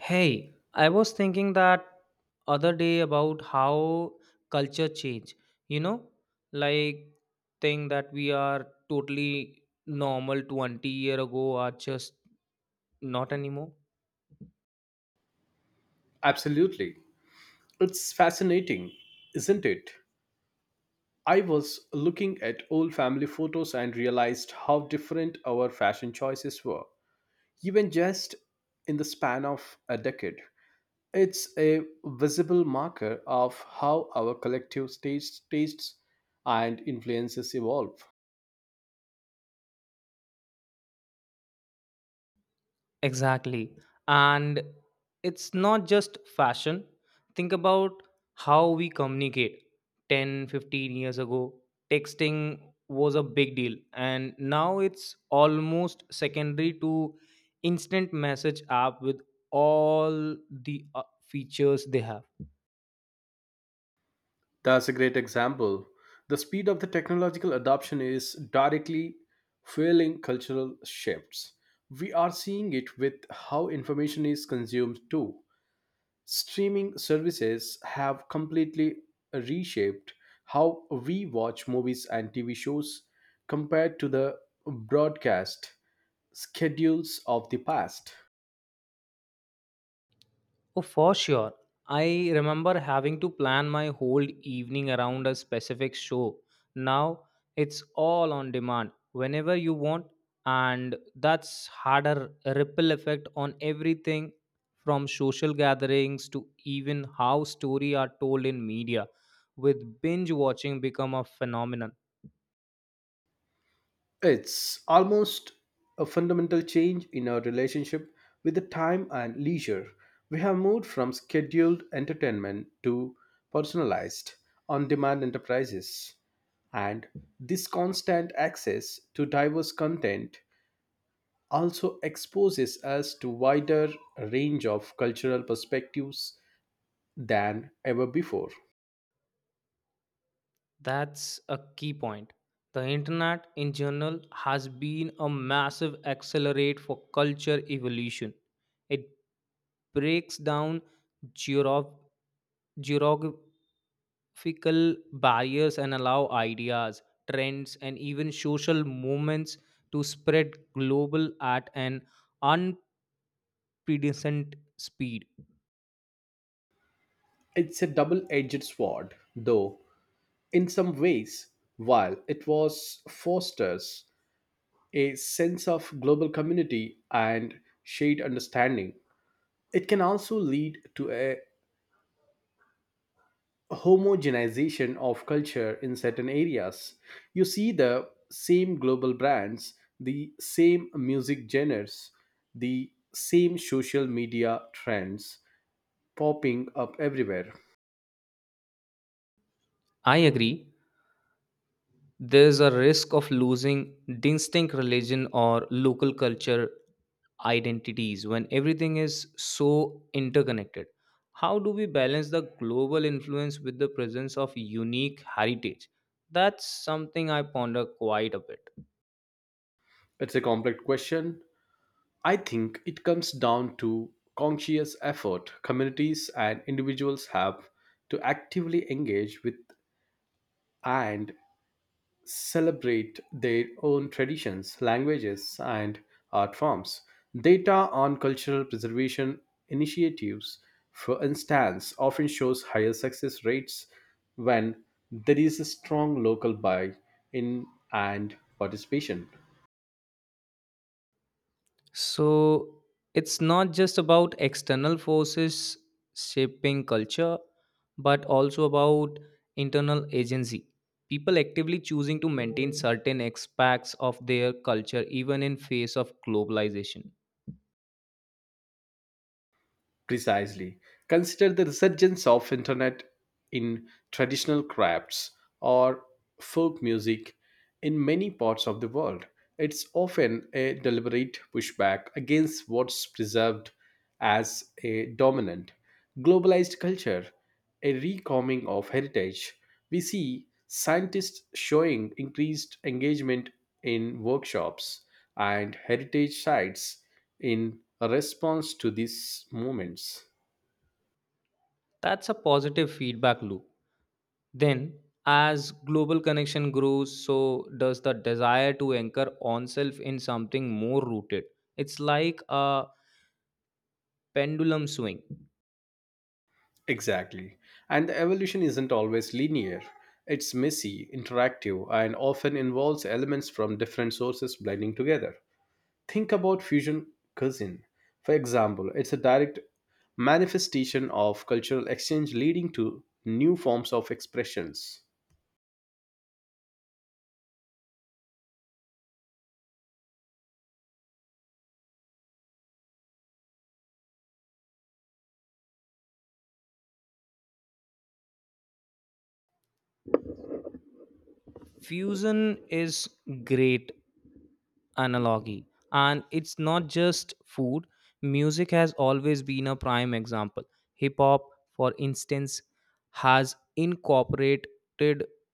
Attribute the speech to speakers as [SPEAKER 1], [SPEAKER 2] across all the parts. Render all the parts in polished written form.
[SPEAKER 1] Hey, I was thinking that other day about how culture change. You know, like thing that we are totally normal 20 year ago are just not anymore.
[SPEAKER 2] Absolutely. It's fascinating, isn't it? I was looking at old family photos and realized how different our fashion choices were, even just in the span of a decade. It's a visible marker of how our collective tastes and influences evolve.
[SPEAKER 1] Exactly. And it's not just fashion. Think about how we communicate. 10, 15 years ago, texting was a big deal. And now it's almost secondary to instant message app with all the features they have.
[SPEAKER 2] That's a great example. The speed of the technological adoption is directly fueling cultural shifts. We are seeing it with how information is consumed too. Streaming services have completely reshaped how we watch movies and TV shows compared to the broadcast schedules of the past.
[SPEAKER 1] Oh, for sure. I remember having to plan my whole evening around a specific show. Now it's all on demand whenever you want, and that's had a ripple effect on everything from social gatherings to even how story are told in media with binge watching become a phenomenon.
[SPEAKER 2] It's almost a fundamental change in our relationship with the time and leisure. We have moved from scheduled entertainment to personalized, on demand enterprises. And this constant access to diverse content also exposes us to wider range of cultural perspectives than ever before.
[SPEAKER 1] That's a key point. The internet in general has been a massive accelerate for culture evolution. It breaks down geogra- geographical barriers and allow ideas, trends, and even social movements to spread global at an unprecedented speed.
[SPEAKER 2] It's a double edged sword, though, in some ways, while it was fosters a sense of global community and shared understanding. It can also lead to a homogenization of culture in certain areas. You see the same global brands, the same music genres, the same social media trends popping up everywhere.
[SPEAKER 1] I agree. There's a risk of losing distinct religion or local culture identities when everything is so interconnected? How do we balance the global influence with the presence of unique heritage? That's something I ponder quite a bit.
[SPEAKER 2] It's a complex question. I think it comes down to conscious effort communities and individuals have to actively engage with and celebrate their own traditions, languages, and art forms. Data on cultural preservation initiatives, for instance, often shows higher success rates when there is a strong local buy in and participation.
[SPEAKER 1] So it's not just about external forces shaping culture, but also about internal agency. People actively choosing to maintain certain aspects of their culture even in face of globalization.
[SPEAKER 2] Precisely. Consider the resurgence of internet in traditional crafts or folk music in many parts of the world. It's often a deliberate pushback against what's preserved as a dominant globalized culture, a recoming of heritage. We see scientists showing increased engagement in workshops and heritage sites in response to these movements.
[SPEAKER 1] That's a positive feedback loop. Then, as global connection grows, so does the desire to anchor oneself in something more rooted. It's like a pendulum swing.
[SPEAKER 2] Exactly. And the evolution isn't always linear. It's messy, interactive, and often involves elements from different sources blending together. Think about fusion cuisine, for example. It's a direct manifestation of cultural exchange leading to new forms of expressions.
[SPEAKER 1] Fusion is great analogy. And it's not just food, music has always been a prime example. Hip hop, for instance, has incorporated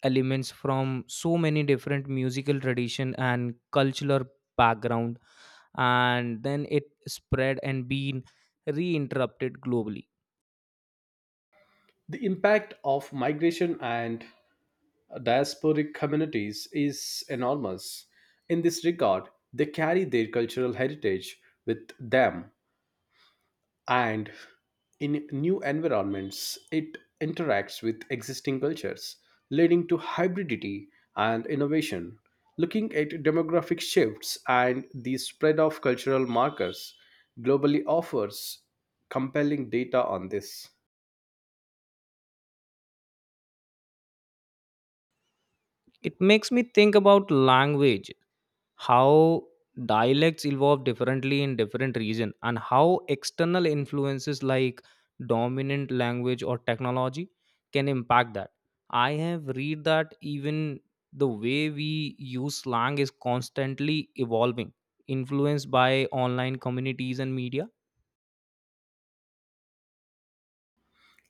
[SPEAKER 1] elements from so many different musical tradition and cultural background, and then it spread and been reinterrupted globally.
[SPEAKER 2] The impact of migration and diasporic communities is enormous. In this regard, they carry their cultural heritage with them and in new environments it interacts with existing cultures leading to hybridity and innovation looking at demographic shifts and the spread of cultural markers globally offers compelling data on this.
[SPEAKER 1] It makes me think about language, how dialects evolve differently in different region and how external influences like dominant language or technology can impact that. I have read that even the way we use slang is constantly evolving, influenced by online communities and media.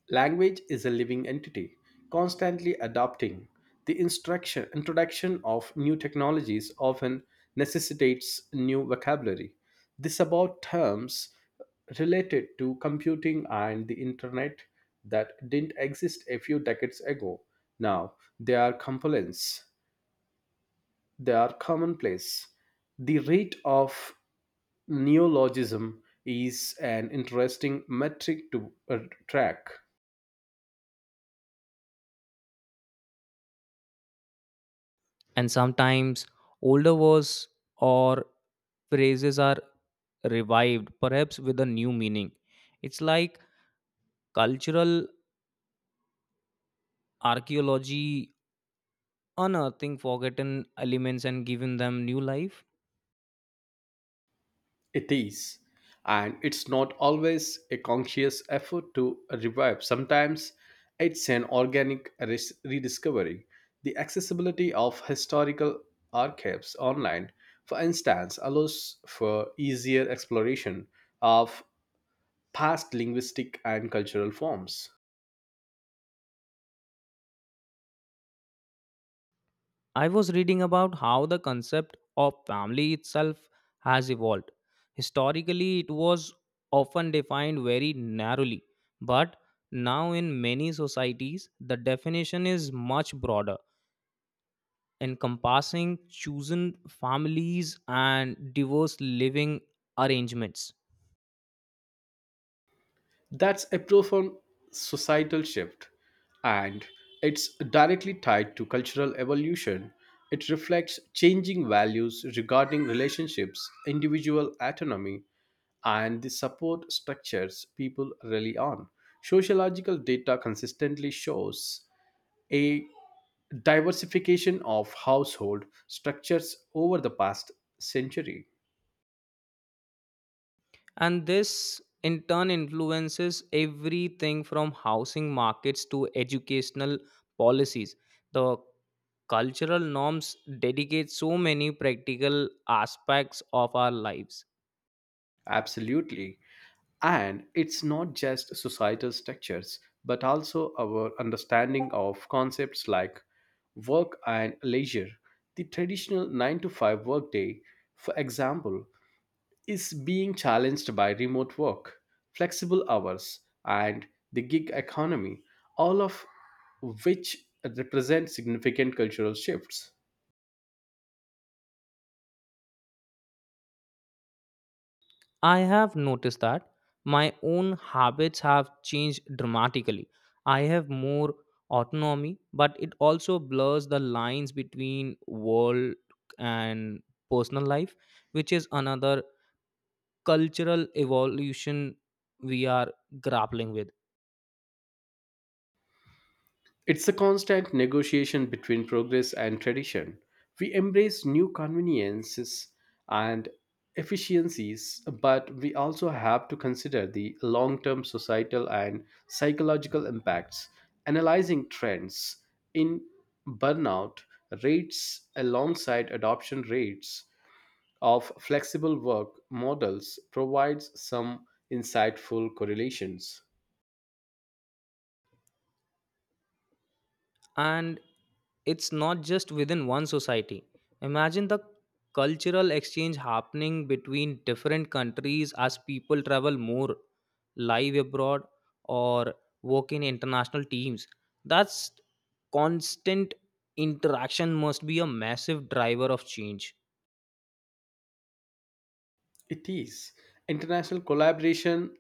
[SPEAKER 2] Language is a living entity, constantly adapting. The instruction, introduction of new technologies often necessitates new vocabulary. This about terms related to computing and the internet that didn't exist a few decades ago. Now they are components, they are commonplace. The rate of neologism is an interesting metric to track.
[SPEAKER 1] And sometimes older words or phrases are revived, perhaps with a new meaning. It's like cultural archaeology, unearthing forgotten elements and giving them new life.
[SPEAKER 2] It is. And it's not always a conscious effort to revive. Sometimes it's an organic rediscovery. The accessibility of historical archives online, for instance, allows for easier exploration of past linguistic and cultural forms.
[SPEAKER 1] I was reading about how the concept of family itself has evolved. Historically, it was often defined very narrowly, but now in many societies, the definition is much broader, encompassing chosen families and diverse living arrangements.
[SPEAKER 2] That's a profound societal shift, and it's directly tied to cultural evolution. It reflects changing values regarding relationships, individual autonomy, and the support structures people rely on. Sociological data consistently shows a diversification of household structures over the past century.
[SPEAKER 1] And this in turn influences everything from housing markets to educational policies. The cultural norms dedicate so many practical aspects of our lives.
[SPEAKER 2] Absolutely. And it's not just societal structures, but also our understanding of concepts like work and leisure. The traditional 9 to 5 workday, for example, is being challenged by remote work, flexible hours, and the gig economy, all of which represent significant cultural shifts.
[SPEAKER 1] I have noticed that my own habits have changed dramatically. I have more autonomy, but it also blurs the lines between world and personal life, which is another cultural evolution we are grappling with.
[SPEAKER 2] It's a constant negotiation between progress and tradition. We embrace new conveniences and efficiencies, but we also have to consider the long term societal and psychological impacts. Analyzing trends in burnout rates alongside adoption rates of flexible work models provides some insightful correlations.
[SPEAKER 1] And it's not just within one society. Imagine the cultural exchange happening between different countries as people travel more, live abroad, or work in international teams. That's constant interaction must be a massive driver of change.
[SPEAKER 2] It is international collaboration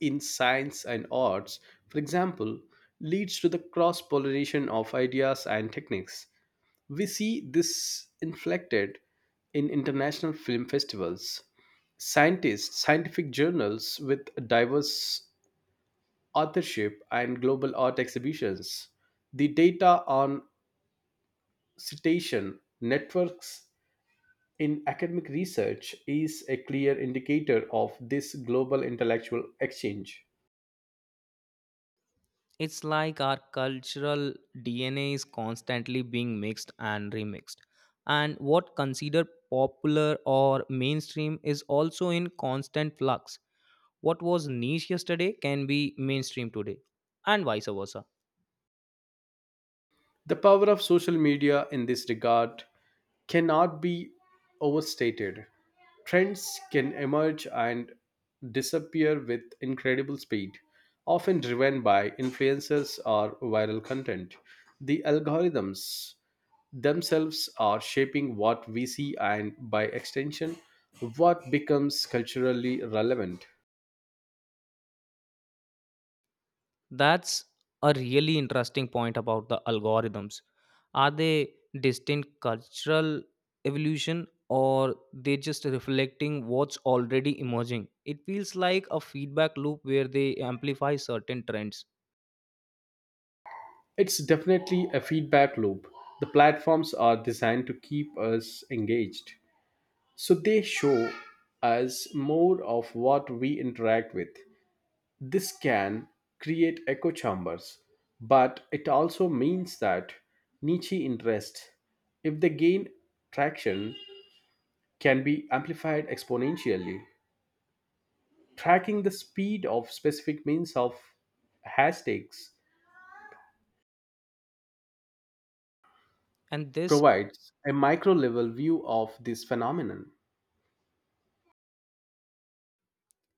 [SPEAKER 2] in science and arts, for example, leads to the cross pollination of ideas and techniques. We see this inflected in international film festivals. Scientists, scientific journals with diverse authorship, and global art exhibitions. The data on citation networks in academic research is a clear indicator of this global intellectual exchange.
[SPEAKER 1] It's like our cultural DNA is constantly being mixed and remixed. And what considered popular or mainstream is also in constant flux. What was niche yesterday can be mainstream today, and vice versa.
[SPEAKER 2] The power of social media in this regard cannot be overstated. Trends can emerge and disappear with incredible speed, often driven by influencers or viral content. The algorithms themselves are shaping what we see and, by extension, what becomes culturally relevant.
[SPEAKER 1] That's a really interesting point about the algorithms. Are they distinct cultural evolution or they just reflecting what's already emerging? It feels like a feedback loop where they amplify certain trends.
[SPEAKER 2] It's definitely a feedback loop. The platforms are designed to keep us engaged, so they show us more of what we interact with. This can create echo chambers, but it also means that niche interests, if they gain traction, can be amplified exponentially. Tracking the speed of specific means of hashtags
[SPEAKER 1] And this
[SPEAKER 2] provides a micro level view of this phenomenon.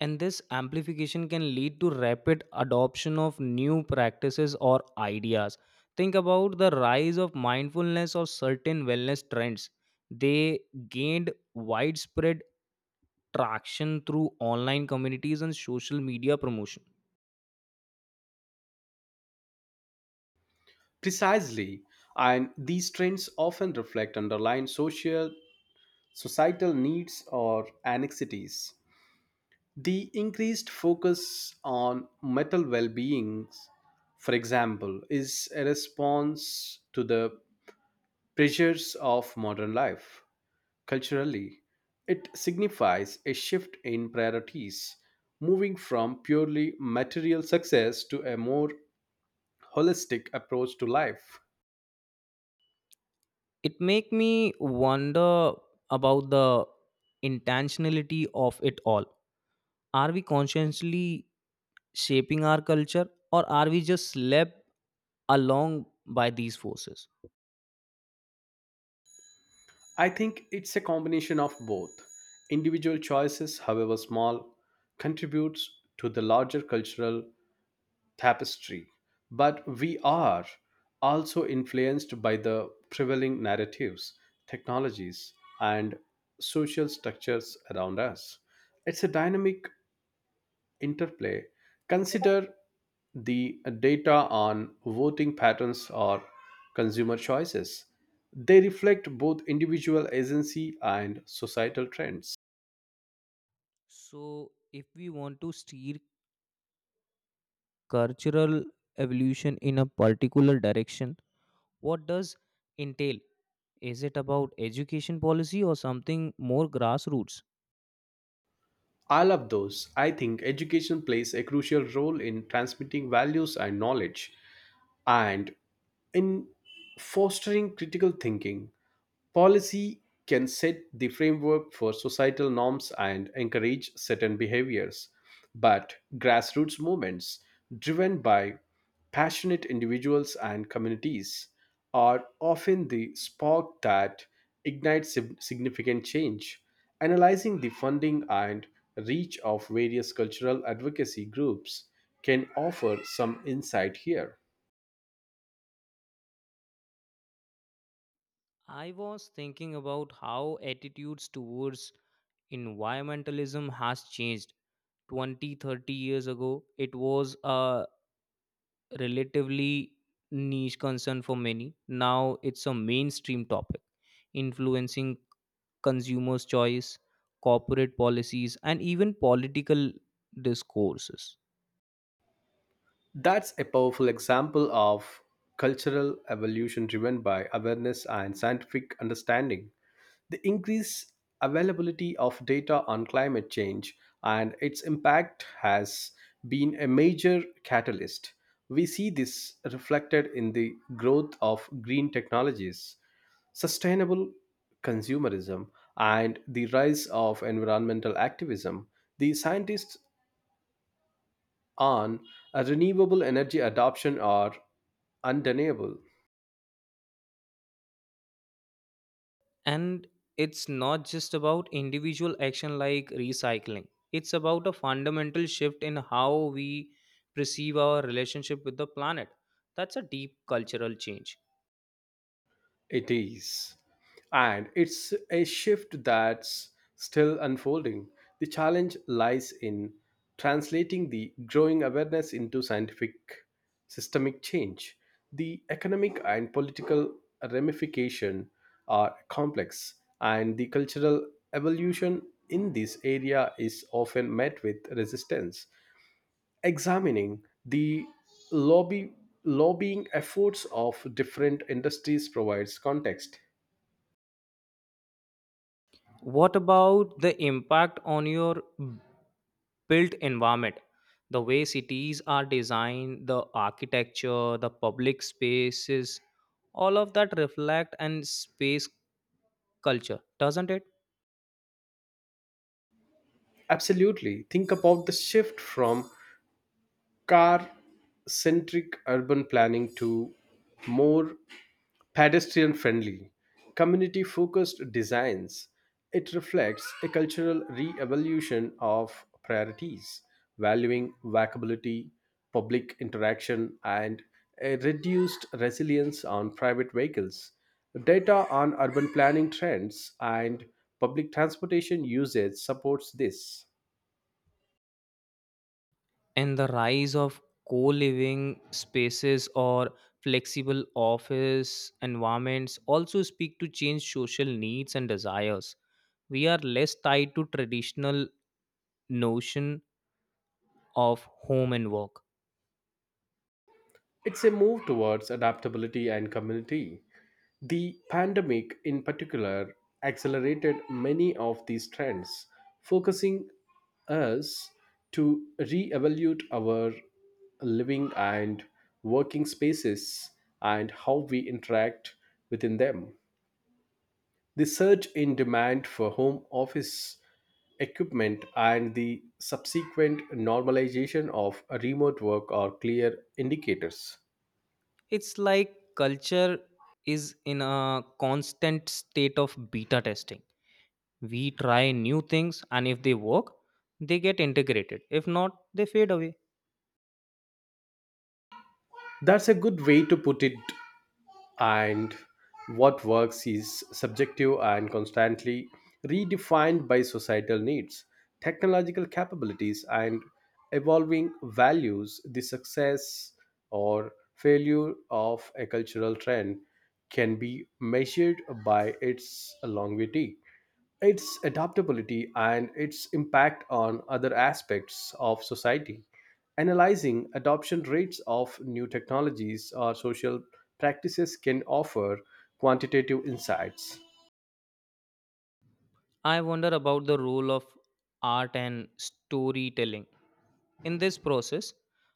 [SPEAKER 1] and this amplification can lead to rapid adoption of new practices or ideas. Think about the rise of mindfulness or certain wellness trends. They gained widespread traction through online communities and social media promotion.
[SPEAKER 2] Precisely, and these trends often reflect underlying social societal needs or anxieties. The increased focus on mental well being, for example, is a response to the pressures of modern life. Culturally, it signifies a shift in priorities, moving from purely material success to a more holistic approach to life.
[SPEAKER 1] It make me wonder about the intentionality of it all. Are we consciously shaping our culture or are we just led along by these forces?
[SPEAKER 2] I think it's a combination of both. Individual choices, however small, contributes to the larger cultural tapestry, but we are also influenced by the prevailing narratives, technologies, and social structures around us. It's a dynamic interplay. Consider the data on voting patterns or consumer choices. They reflect both individual agency and societal trends.
[SPEAKER 1] So if we want to steer cultural evolution in a particular direction, what does entail? Is it about education policy or something more grassroots?
[SPEAKER 2] I love those. I think education plays a crucial role in transmitting values and knowledge and in fostering critical thinking. Policy can set the framework for societal norms and encourage certain behaviors, but grassroots movements driven by passionate individuals and communities are often the spark that ignites significant change. Analyzing the funding and reach of various cultural advocacy groups can offer some insight here.
[SPEAKER 1] I was thinking about how attitudes towards environmentalism has changed. 20, 30 years ago, it was a relatively niche concern for many. Now it's a mainstream topic, influencing consumers' choice, corporate policies, and even political discourses.
[SPEAKER 2] That's a powerful example of cultural evolution driven by awareness and scientific understanding. The increased availability of data on climate change and its impact has been a major catalyst. We see this reflected in the growth of green technologies, sustainable consumerism, and the rise of environmental activism. The scientists on a renewable energy adoption are undeniable.
[SPEAKER 1] And it's not just about individual action like recycling, it's about a fundamental shift in how we perceive our relationship with the planet. That's a deep cultural change.
[SPEAKER 2] It is. And it's a shift that's still unfolding. The challenge lies in translating the growing awareness into scientific systemic change. The economic and political ramification are complex, and the cultural evolution in this area is often met with resistance. Examining the lobby lobbying efforts of different industries provides context.
[SPEAKER 1] What about the impact on your built environment? The way cities are designed, the architecture, the public spaces, all of that reflect and space culture, doesn't it?
[SPEAKER 2] Absolutely, think about the shift from car centric urban planning to more pedestrian friendly, community focused designs. It reflects a cultural re evolution of priorities, valuing walkability, public interaction, and a reduced resilience on private vehicles. Data on urban planning trends and public transportation usage supports this.
[SPEAKER 1] And the rise of co-living spaces or flexible office environments also speak to change social needs and desires. We are less tied to traditional notion of home and work.
[SPEAKER 2] It's a move towards adaptability and community. The pandemic, in particular, accelerated many of these trends, focusing us to reevaluate our living and working spaces and how we interact within them. The surge in demand for home office equipment and the subsequent normalization of remote work are clear indicators.
[SPEAKER 1] It's like culture is in a constant state of beta testing. We try new things, and if they work they get integrated, if not they fade away.
[SPEAKER 2] That's a good way to put it, and what works is subjective and constantly redefined by societal needs, technological capabilities, and evolving values. The success or failure of a cultural trend can be measured by its longevity, its adaptability, and its impact on other aspects of society. Analyzing adoption rates of new technologies or social practices can offer quantitative insights.
[SPEAKER 1] I wonder about the role of art and storytelling in this process.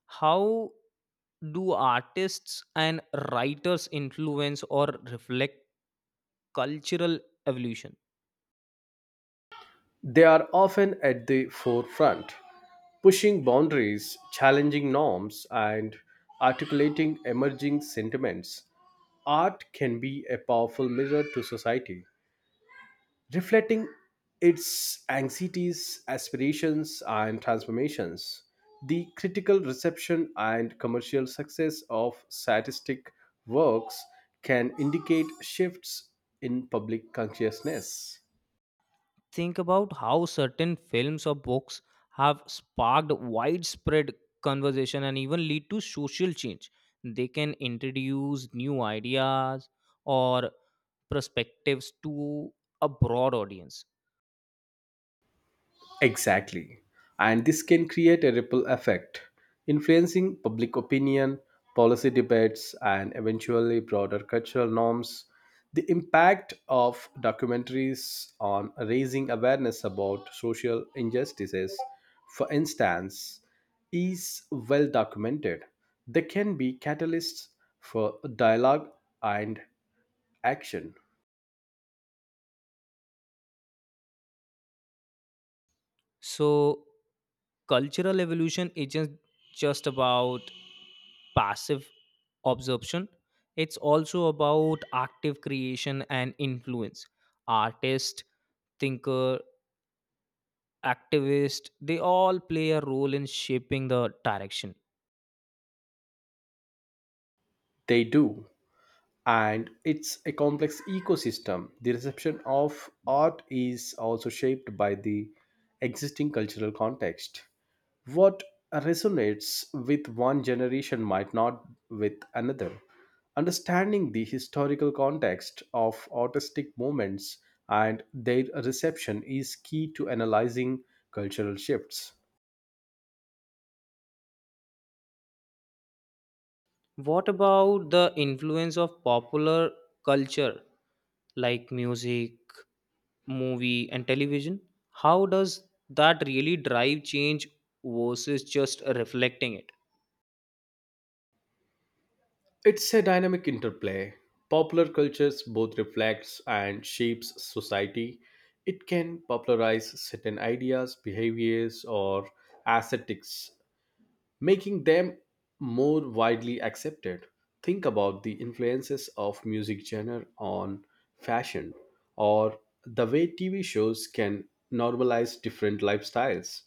[SPEAKER 1] How do artists and writers influence or reflect cultural evolution?
[SPEAKER 2] They are often at the forefront, pushing boundaries, challenging norms, and articulating emerging sentiments. Art can be a powerful mirror to society reflecting its anxieties, aspirations, and transformations. The critical reception and commercial success of statistic works can indicate shifts in public consciousness.
[SPEAKER 1] Think about how certain films or books have sparked widespread conversation and even lead to social change. They can introduce new ideas or perspectives to a broad audience.
[SPEAKER 2] Exactly. And this can create a ripple effect, influencing public opinion, policy debates, and eventually broader cultural norms. The impact of documentaries on raising awareness about social injustices, for instance, is well documented. They can be catalysts for dialogue and action.
[SPEAKER 1] So, cultural evolution isn't just about passive absorption, it's also about active creation and influence. Artist, thinker, activist, they all play a role in shaping the direction.
[SPEAKER 2] They do. And it's a complex ecosystem. The reception of art is also shaped by the existing cultural context. What resonates with one generation might not with another. Understanding the historical context of artistic movements and their reception is key to analyzing cultural shifts.
[SPEAKER 1] What about the influence of popular culture like music, movie, and television? How does that really drive change versus just reflecting it?
[SPEAKER 2] It's a dynamic interplay. Popular cultures both reflects and shapes society. It can popularize certain ideas, behaviors, or aesthetics, making them more widely accepted. Think about the influences of music genre on fashion, or the way TV shows can normalize different lifestyles.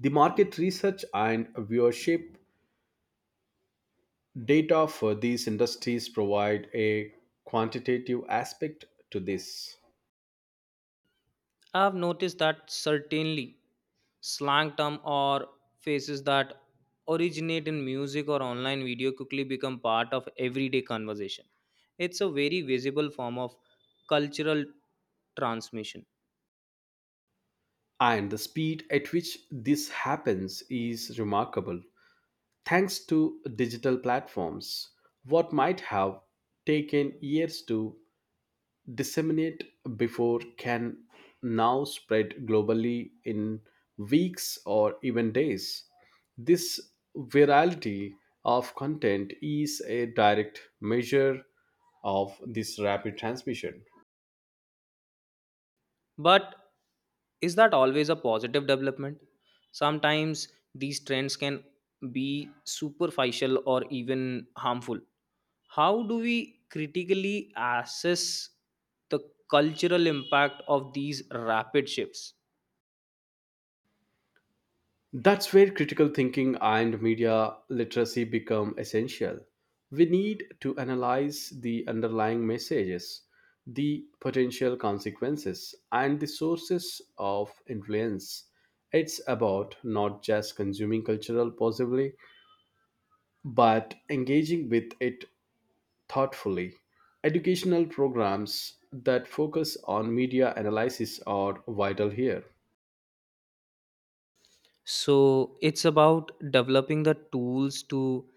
[SPEAKER 2] The market research and viewership data for these industries provide a quantitative aspect to this,
[SPEAKER 1] I've noticed that certainly slang term or phrases that originate in music or online video quickly become part of everyday conversation. It's a very visible form of cultural transmission.
[SPEAKER 2] and the speed at which this happens is remarkable. Thanks to digital platforms, what might have taken years to disseminate before can now spread globally in weeks or even days. This virality of content is a direct measure of this rapid transmission.
[SPEAKER 1] But is that always a positive development? Sometimes these trends can be superficial or even harmful. How do we critically assess the cultural impact of these rapid shifts?
[SPEAKER 2] That's where critical thinking and media literacy become essential. We need to analyze the underlying messages, the potential consequences, and the sources of influence. It's about not just consuming cultural possibly, but engaging with it thoughtfully. Educational programs that focus on media analysis are vital here.
[SPEAKER 1] So it's about developing the tools to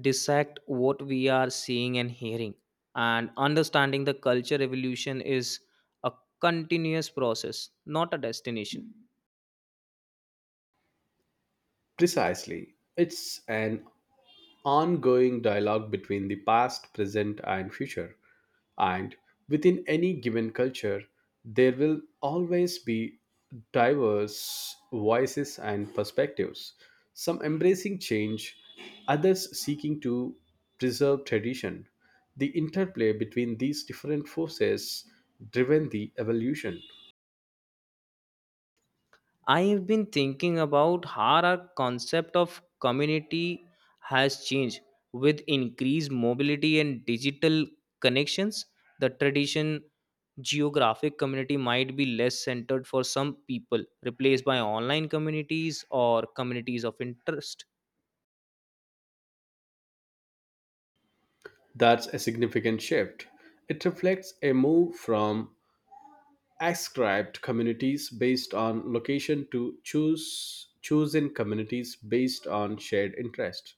[SPEAKER 1] dissect what we are seeing and hearing. And understanding the culture evolution is a continuous process, not a destination.
[SPEAKER 2] Precisely. It's an ongoing dialogue between the past, present, and future. And within any given culture, there will always be diverse voices and perspectives, some embracing change, others seeking to preserve tradition. The interplay between these different forces driven the evolution.
[SPEAKER 1] I've been thinking about how our concept of community has changed with increased mobility and digital connections. The tradition geographic community might be less centered for some people, replaced by online communities or communities of interest.
[SPEAKER 2] That's a significant shift. It reflects a move from ascribed communities based on location to choose chosen communities based on shared interests,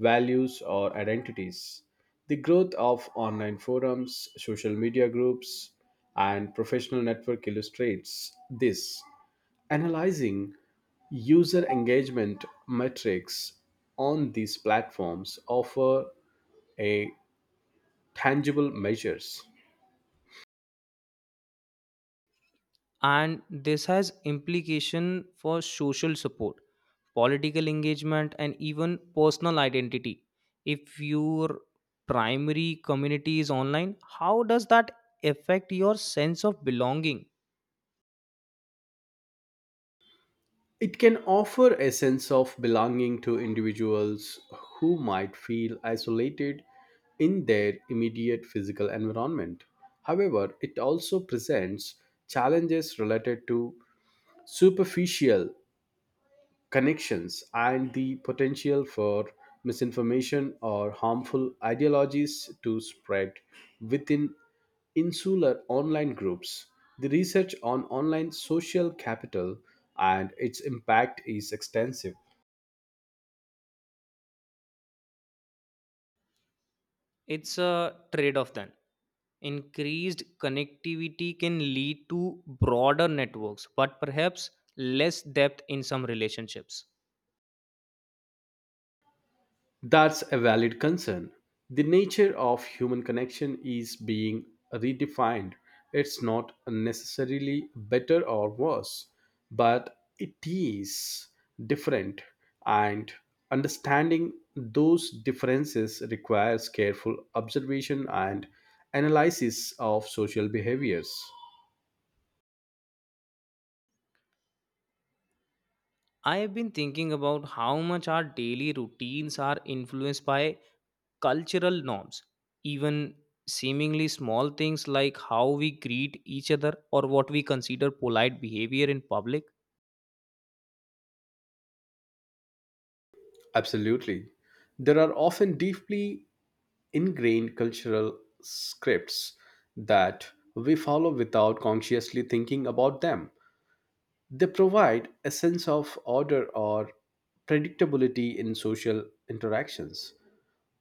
[SPEAKER 2] values, or identities. The growth of online forums, social media groups, and professional network illustrates this. Analyzing user engagement metrics on these platforms offer a tangible measures.
[SPEAKER 1] And this has implication for social support, political engagement, and even personal identity. If your primary community is online, how does that affect your sense of belonging?
[SPEAKER 2] It can offer a sense of belonging to individuals who might feel isolated in their immediate physical environment. However, it also presents challenges related to superficial connections and the potential for misinformation or harmful ideologies to spread within insular online groups. The research on online social capital and its impact is extensive.
[SPEAKER 1] It's a trade off then. Increased connectivity can lead to broader networks, but perhaps less depth in some relationships.
[SPEAKER 2] That's a valid concern. The nature of human connection is being redefined. It's not necessarily better or worse, but it is different, and understanding those differences requires careful observation and analysis of social behaviors.
[SPEAKER 1] I have been thinking about how much our daily routines are influenced by cultural norms, even seemingly small things like how we greet each other or what we consider polite behavior in public.
[SPEAKER 2] Absolutely. There are often deeply ingrained cultural scripts that we follow without consciously thinking about them. They provide a sense of order or predictability in social interactions.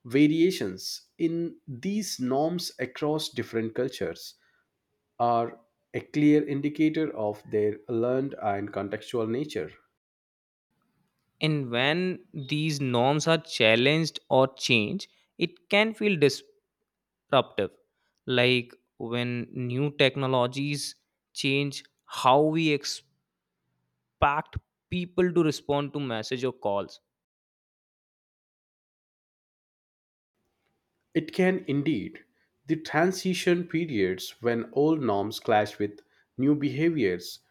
[SPEAKER 2] Variations in these norms across different cultures are a clear indicator of their learned and contextual nature.
[SPEAKER 1] And when these norms are challenged or changed, it can feel disruptive, like when new technologies change how we expect people to respond to message or calls.
[SPEAKER 2] It can indeed, the transition periods when old norms clash with new behaviors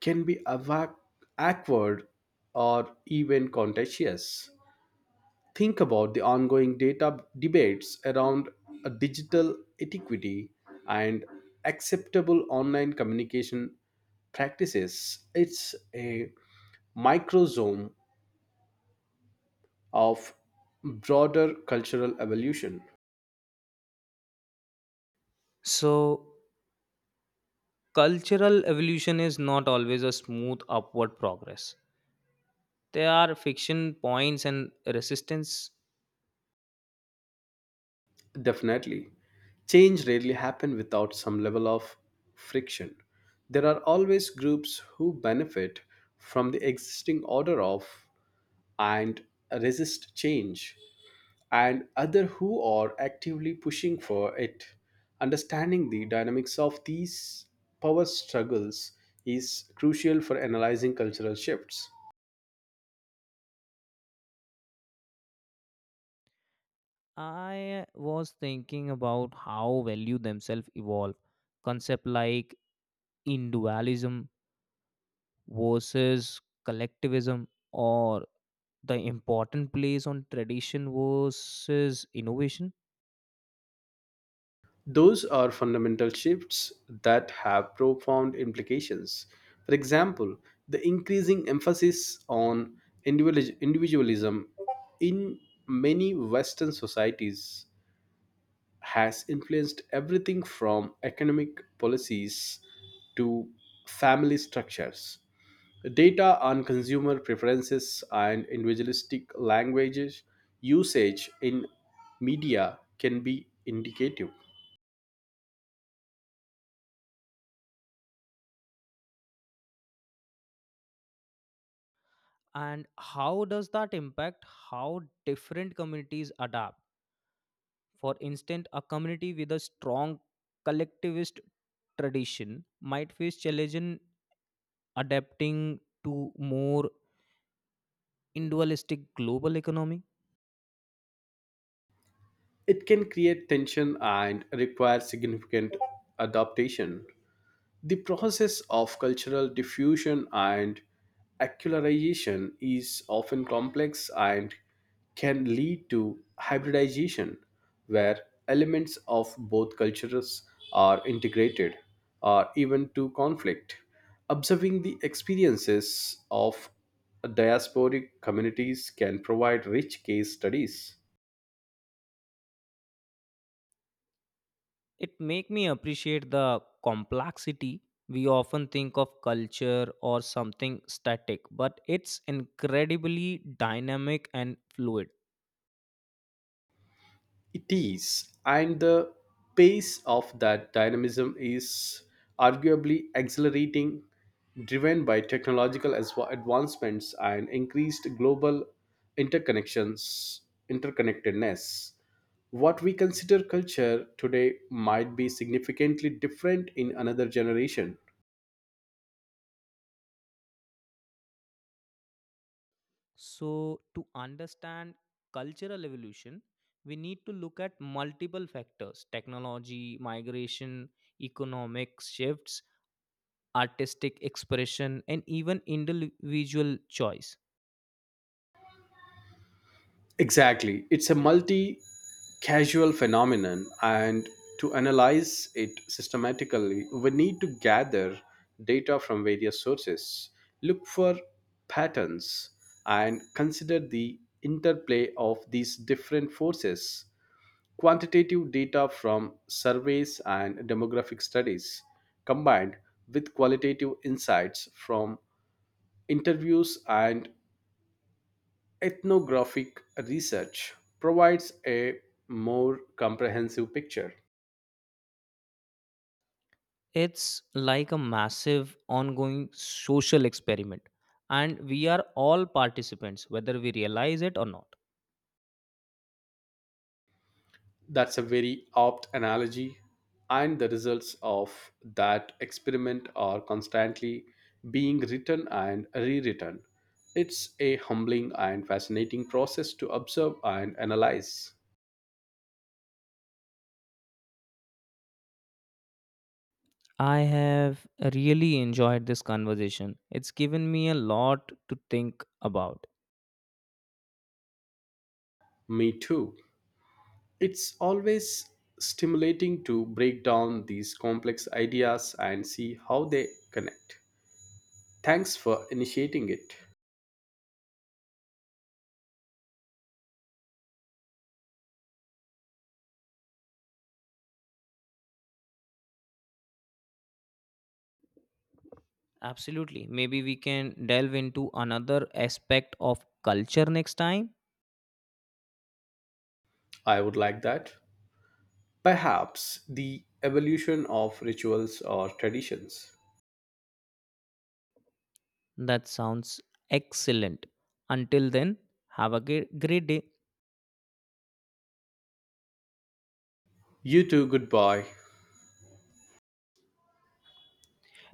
[SPEAKER 2] can be awkward or even contentious. Think about the ongoing data debates around a digital etiquette and acceptable online communication practices. It's a microzone of broader cultural evolution.
[SPEAKER 1] So cultural evolution is not always a smooth upward progress. There are fiction points and resistance.
[SPEAKER 2] Definitely, change rarely happens without some level of friction. There are always groups who benefit from the existing order of and resist change, and other who are actively pushing for it. Understanding the dynamics of these power struggles is crucial for analyzing cultural shifts.
[SPEAKER 1] I was thinking about how value themselves evolve. Concept like individualism versus collectivism, or the important place on tradition versus innovation.
[SPEAKER 2] Those are fundamental shifts that have profound implications. For example, the increasing emphasis on individualism in many Western societies has influenced everything from economic policies to family structures. Data on consumer preferences and individualistic languages usage in media can be indicative.
[SPEAKER 1] And how does that impact how different communities adapt? For instance, a community with a strong collectivist tradition might face challenges adapting to more individualistic global economy.
[SPEAKER 2] It can create tension and require significant adaptation. The process of cultural diffusion and acularization is often complex and can lead to hybridization, where elements of both cultures are integrated or even to conflict. Observing the experiences of diasporic communities can provide rich case studies.
[SPEAKER 1] It make me appreciate the complexity. We often think of culture or something static, but it's incredibly dynamic and fluid.
[SPEAKER 2] It is, and the pace of that dynamism is arguably accelerating, driven by technological advancements and increased global interconnections, interconnectedness. What we consider culture today might be significantly different in another generation.
[SPEAKER 1] So to understand cultural evolution, we need to look at multiple factors: technology, migration, economic shifts, artistic expression, and even individual choice.
[SPEAKER 2] Exactly. It's a multi casual phenomenon, and to analyze it systematically, we need to gather data from various sources, look for patterns, and consider the interplay of these different forces. Quantitative data from surveys and demographic studies combined with qualitative insights from interviews and ethnographic research provides a more comprehensive picture.
[SPEAKER 1] It's like a massive ongoing social experiment, and we are all participants, whether we realize it or not.
[SPEAKER 2] That's a very apt analogy, and the results of that experiment are constantly being written and rewritten. It's a humbling and fascinating process to observe and analyze.
[SPEAKER 1] I have really enjoyed this conversation. It's given me a lot to think about.
[SPEAKER 2] Me too. It's always stimulating to break down these complex ideas and see how they connect. Thanks for initiating it.
[SPEAKER 1] Absolutely. Maybe we can delve into another aspect of culture next time.
[SPEAKER 2] I would like that. Perhaps the evolution of rituals or traditions.
[SPEAKER 1] That sounds excellent. Until then, have a great day.
[SPEAKER 2] You too, goodbye.